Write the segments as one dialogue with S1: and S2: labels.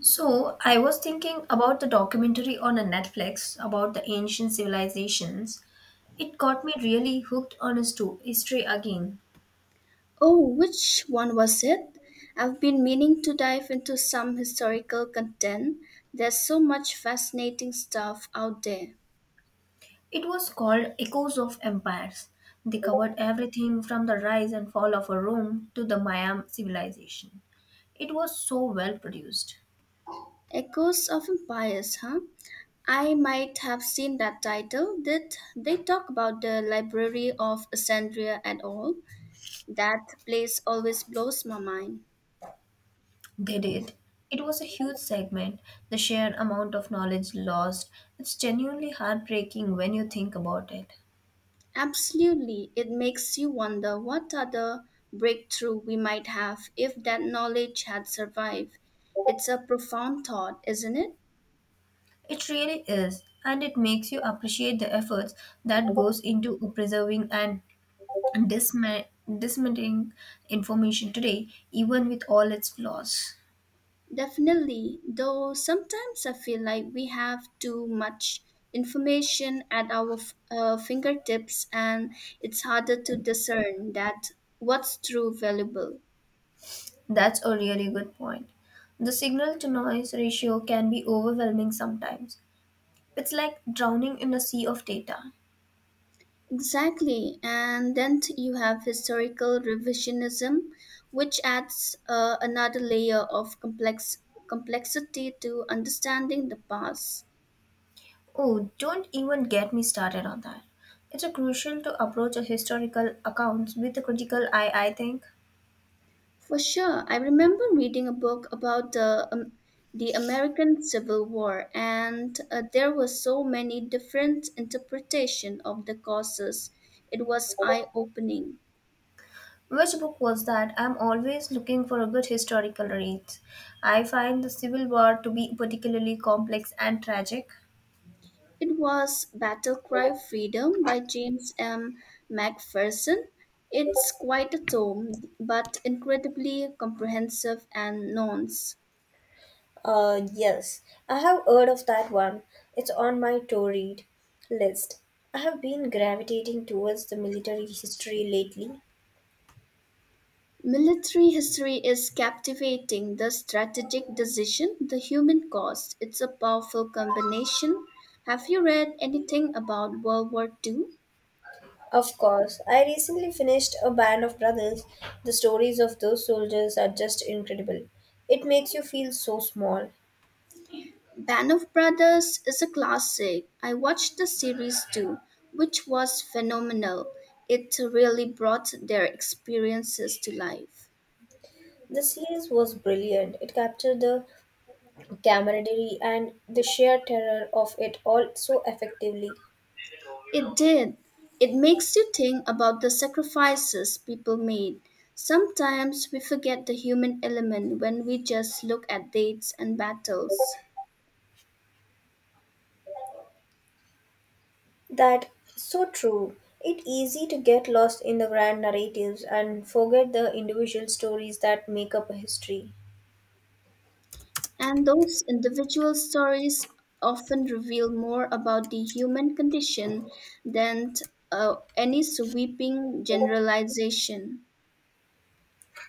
S1: So, I was thinking about the documentary on a Netflix about the ancient civilizations. It got me really hooked on history again.
S2: Oh, which one was it? I've been meaning to dive into some historical content. There's so much fascinating stuff out there.
S1: It was called Echoes of Empires. They covered everything from the rise and fall of a Rome to the Maya civilization. It was so well produced.
S2: Echoes of Empires, huh? I might have seen that title. Did they talk about the Library of Alexandria at all? That place always blows my mind.
S1: They did. It was a huge segment. The sheer amount of knowledge lost. It's genuinely heartbreaking when you think about it.
S2: Absolutely. It makes you wonder what other breakthrough we might have if that knowledge had survived. It's a profound thought, isn't it?
S1: It really is, and it makes you appreciate the efforts that goes into preserving and disma- disseminating information today, even with all its flaws.
S2: Definitely, though sometimes I feel like we have too much information at our fingertips and it's harder to discern that what's true valuable.
S1: That's a really good point. The signal to noise ratio can be overwhelming sometimes. It's like drowning in a sea of data.
S2: Exactly. And then you have historical revisionism, which adds another layer of complexity to understanding the past.
S1: Oh, don't even get me started on that. It's a crucial to approach a historical accounts with a critical eye, I think.
S2: For sure, I remember reading a book about the American Civil War, and there were so many different interpretation of the causes. It was eye opening.
S1: Which book was that? I'm always looking for a good historical read. I find the Civil War to be particularly complex and tragic.
S2: It was Battle Cry Freedom by James M. MacPherson. It's quite a tome, but incredibly comprehensive and nuanced.
S1: Yes, I have heard of that one. It's on my to read list. I have been gravitating towards the military history lately.
S2: Military history is captivating the strategic decision, the human cost. It's a powerful combination. Have you read anything about World War II?
S1: Of course, I recently finished A Band of Brothers. The stories of those soldiers are just incredible. It makes you feel so small.
S2: Band of Brothers is a classic. I watched the series too, which was phenomenal. It really brought their experiences to life.
S1: The series was brilliant. It captured the camaraderie and the sheer terror of it all so effectively.
S2: It did. It makes you think about the sacrifices people made. Sometimes we forget the human element when we just look at dates and battles.
S1: That so true. It's easy to get lost in the grand narratives and forget the individual stories that make up a history.
S2: And those individual stories often reveal more about the human condition than any sweeping generalization.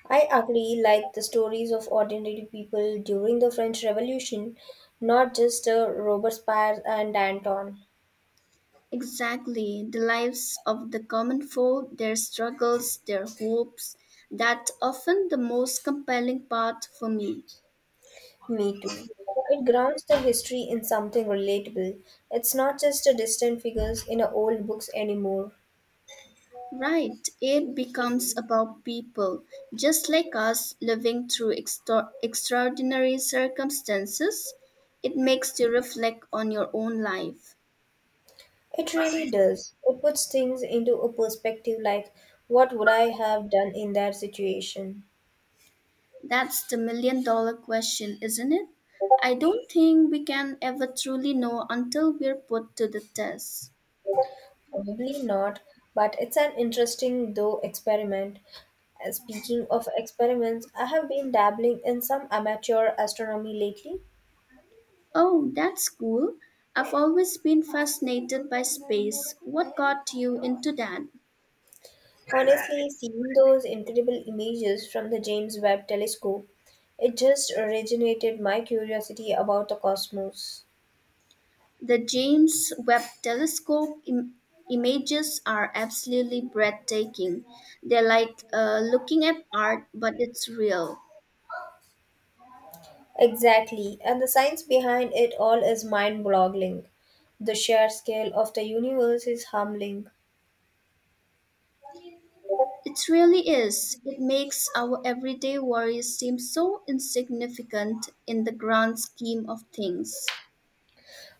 S1: I agree, like the stories of ordinary people during the French Revolution, not just Robespierre and Danton.
S2: Exactly, the lives of the common folk, their struggles, their hopes, thats often the most compelling part for me.
S1: Me too. It grounds the history in something relatable. It's not just a distant figures in a old books anymore.
S2: Right, it becomes about people, just like us, living through extraordinary circumstances. It makes you reflect on your own life.
S1: It really does. It puts things into a perspective like, what would I have done in that situation?
S2: That's the million dollar question, isn't it? I don't think we can ever truly know until we're put to the test.
S1: Probably not, but it's an interesting, though, experiment. Speaking of experiments, I have been dabbling in some amateur astronomy lately.
S2: Oh, that's cool. I've always been fascinated by space. What got you into that?
S1: Honestly, seeing those incredible images from the James Webb telescope, it just originated my curiosity about the cosmos.
S2: The James Webb Telescope images are absolutely breathtaking. They're like looking at art, but it's real.
S1: Exactly, and the science behind it all is mind boggling. The sheer scale of the universe is humbling.
S2: It really is. It makes our everyday worries seem so insignificant in the grand scheme of things.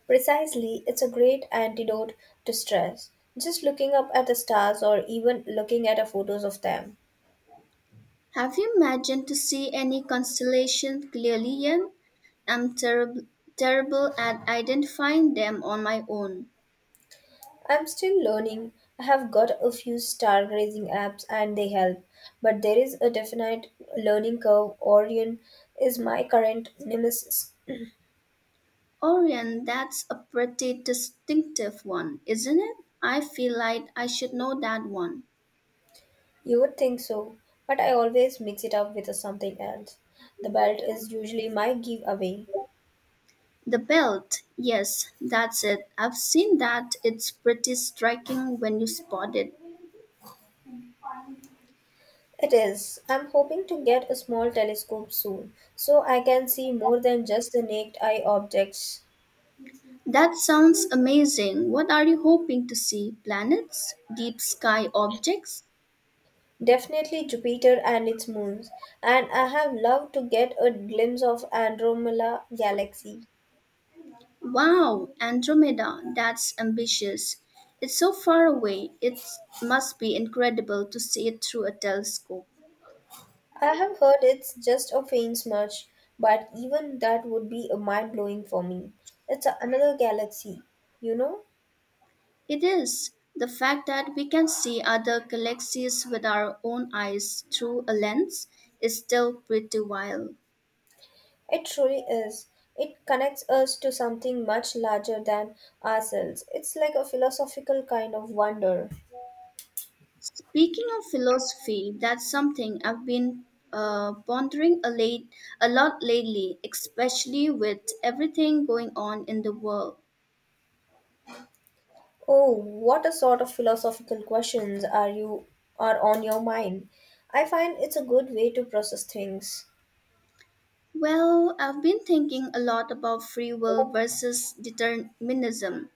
S1: Precisely, it's a great antidote to stress. Just looking up at the stars or even looking at the photos of them.
S2: Have you imagined to see any constellation clearly yet? I'm terrible at identifying them on my own.
S1: I'm still learning. I have got a few stargazing apps and they help, but there is a definite learning curve. Orion is my current nemesis.
S2: Orion, that's a pretty distinctive one, isn't it? I feel like I should know that one.
S1: You would think so, but I always mix it up with something else. The belt is usually my giveaway.
S2: The belt, yes, that's it. I've seen that. It's pretty striking when you spot it.
S1: It is. I'm hoping to get a small telescope soon so I can see more than just the naked eye objects.
S2: That sounds amazing. What are you hoping to see? Planets? Deep sky objects?
S1: Definitely Jupiter and its moons, and I have loved to get a glimpse of Andromeda galaxy.
S2: Wow, Andromeda, that's ambitious. It's so far away, it must be incredible to see it through a telescope.
S1: I have heard it's just a faint smudge, but even that would be a mind blowing for me. It's another galaxy, you know?
S2: It is the fact that we can see other galaxies with our own eyes through a lens is still pretty wild.
S1: It truly is. It connects us to something much larger than ourselves. It's like a philosophical kind of wonder.
S2: Speaking of philosophy, that's something I've been pondering a lot lately, especially with everything going on in the world.
S1: Oh, what a sort of philosophical questions are you are on your mind? I find it's a good way to process things.
S2: Well, I've been thinking a lot about free will versus determinism.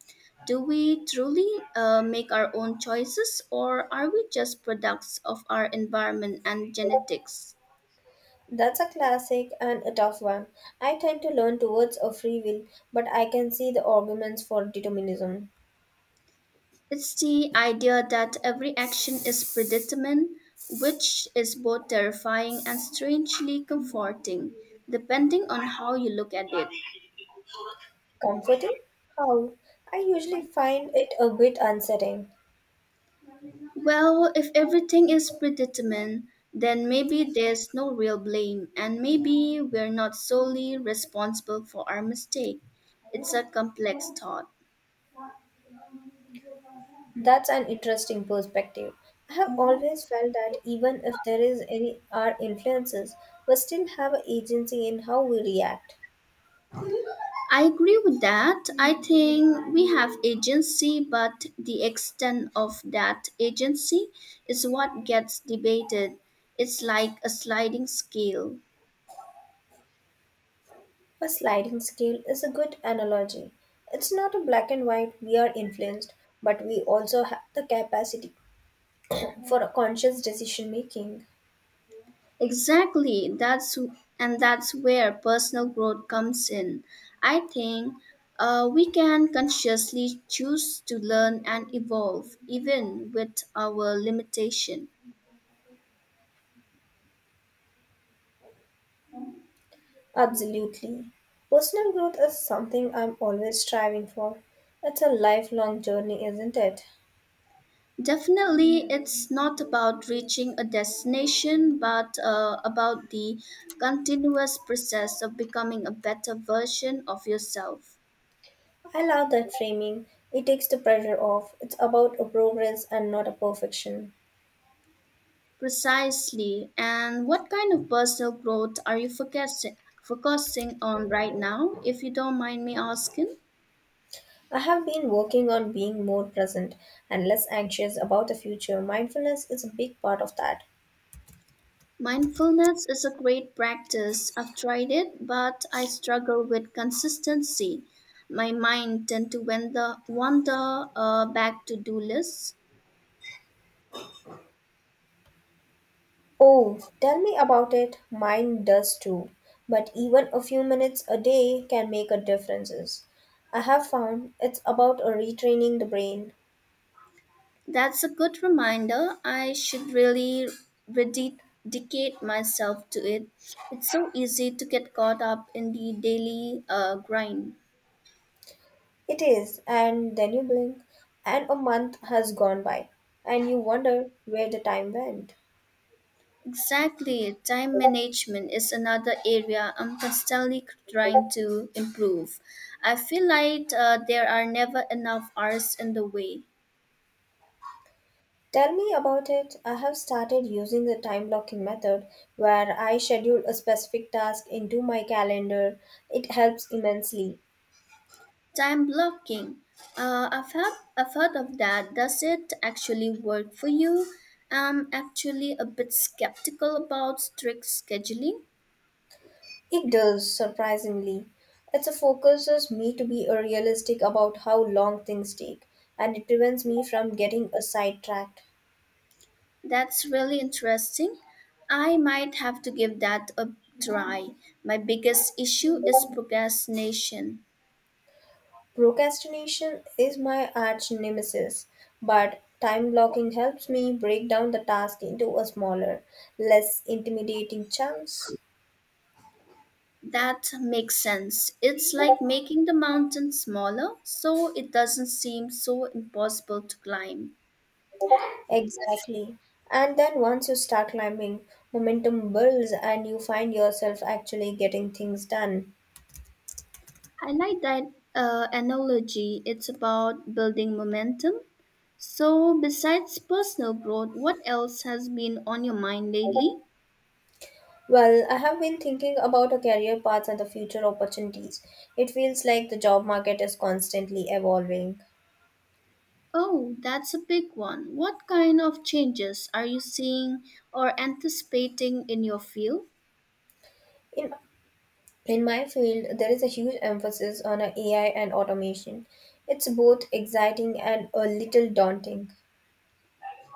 S2: Do we truly make our own choices, or are we just products of our environment and genetics?
S1: That's a classic and a tough one. I tend to learn towards a free will, but I can see the arguments for determinism.
S2: It's the idea that every action is predetermined, which is both terrifying and strangely comforting, depending on how you look at it.
S1: Comforting? How? I usually find it a bit unsettling.
S2: Well, if everything is predetermined, then maybe there's no real blame, and maybe we're not solely responsible for our mistake. It's a complex thought.
S1: That's an interesting perspective. I have always felt that even if there is any are influences, we still have a agency in how we react.
S2: I agree with that. I think we have agency, but the extent of that agency is what gets debated. It's like a sliding scale.
S1: A sliding scale is a good analogy. It's not a black and white we are influenced, but we also have the capacity for a conscious decision making.
S2: Exactly. That's and that's where personal growth comes in. I think we can consciously choose to learn and evolve, even with our limitation.
S1: Absolutely. Personal growth is something I'm always striving for. It's a lifelong journey, isn't it?
S2: Definitely, it's not about reaching a destination, but about the continuous process of becoming a better version of yourself.
S1: I love that framing. It takes the pressure off. It's about a progress and not a perfection.
S2: Precisely. And what kind of personal growth are you focusing on right now, if you don't mind me asking?
S1: I have been working on being more present and less anxious about the future. Mindfulness is a big part of that.
S2: Mindfulness is a great practice. I've tried it, but I struggle with consistency. My mind tend to wander back to do lists.
S1: Oh, tell me about it. Mine does too. But even a few minutes a day can make a difference. I have found it's about a retraining the brain.
S2: That's a good reminder. I should really rededicate myself to it. It's so easy to get caught up in the daily grind.
S1: It is, and then you blink, and a month has gone by, and you wonder where the time went.
S2: Exactly. Time management is another area I'm constantly trying to improve. I feel like there are never enough hours in the way.
S1: Tell me about it. I have started using the time blocking method where I schedule a specific task into my calendar. It helps immensely.
S2: Time blocking. Uh, I've, had, I've heard of that. Does it actually work for you? I'm actually a bit skeptical about strict scheduling.
S1: It does, surprisingly. It focuses me to be a realistic about how long things take, and it prevents me from getting a sidetracked.
S2: That's really interesting. I might have to give that a try. My biggest issue is procrastination.
S1: Procrastination is my arch nemesis, but time blocking helps me break down the task into a smaller, less intimidating chunks.
S2: That makes sense. It's like making the mountain smaller so it doesn't seem so impossible to climb.
S1: Exactly. And then once you start climbing, momentum builds and you find yourself actually getting things done.
S2: I like that analogy. It's about building momentum. So, besides personal growth, what else has been on your mind lately?
S1: Well, I have been thinking about a career path and the future opportunities. It feels like the job market is constantly evolving.
S2: Oh, that's a big one. What kind of changes are you seeing or anticipating in your field?
S1: In in my field, there is a huge emphasis on AI and automation. It's both exciting and a little daunting.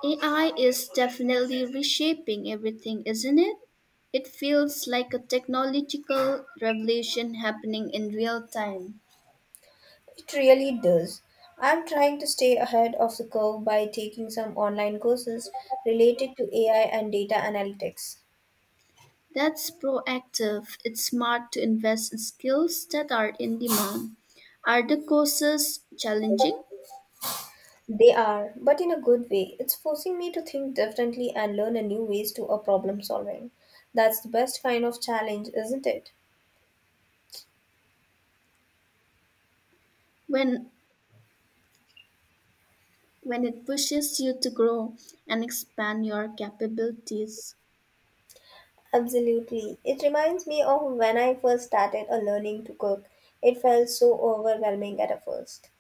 S2: AI is definitely reshaping everything, isn't it? It feels like a technological revolution happening in real time.
S1: It really does. I'm trying to stay ahead of the curve by taking some online courses related to AI and data analytics.
S2: That's proactive. It's smart to invest in skills that are in demand. Are the courses challenging?
S1: They are, but in a good way. It's forcing me to think differently and learn a new ways to a problem solving. That's the best kind of challenge, isn't it?
S2: When when it pushes you to grow and expand your capabilities.
S1: Absolutely. It reminds me of when I first started a learning to cook. It felt so overwhelming at a first.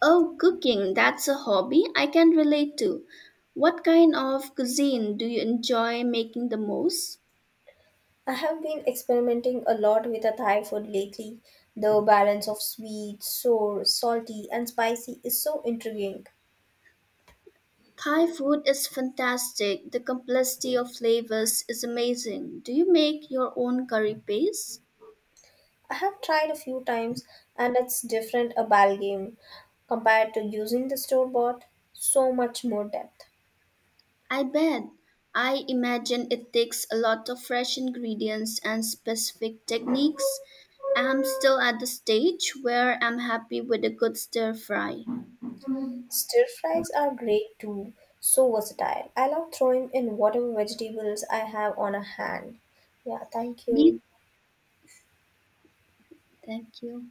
S2: Oh, cooking, that's a hobby I can relate to. What kind of cuisine do you enjoy making the most?
S1: I have been experimenting a lot with a Thai food lately. The balance of sweet, sour, salty, and spicy is so intriguing.
S2: Thai food is fantastic. The complexity of flavors is amazing. Do you make your own curry paste?
S1: I have tried a few times and it's different a ball game compared to using the store bought, so much more depth.
S2: I bet. I imagine it takes a lot of fresh ingredients and specific techniques. I'm still at the stage where I'm happy with a good stir fry.
S1: Stir fries are great too, so versatile. I love throwing in whatever vegetables I have on a hand. Yeah, thank
S2: Me,
S1: you.
S2: thank you.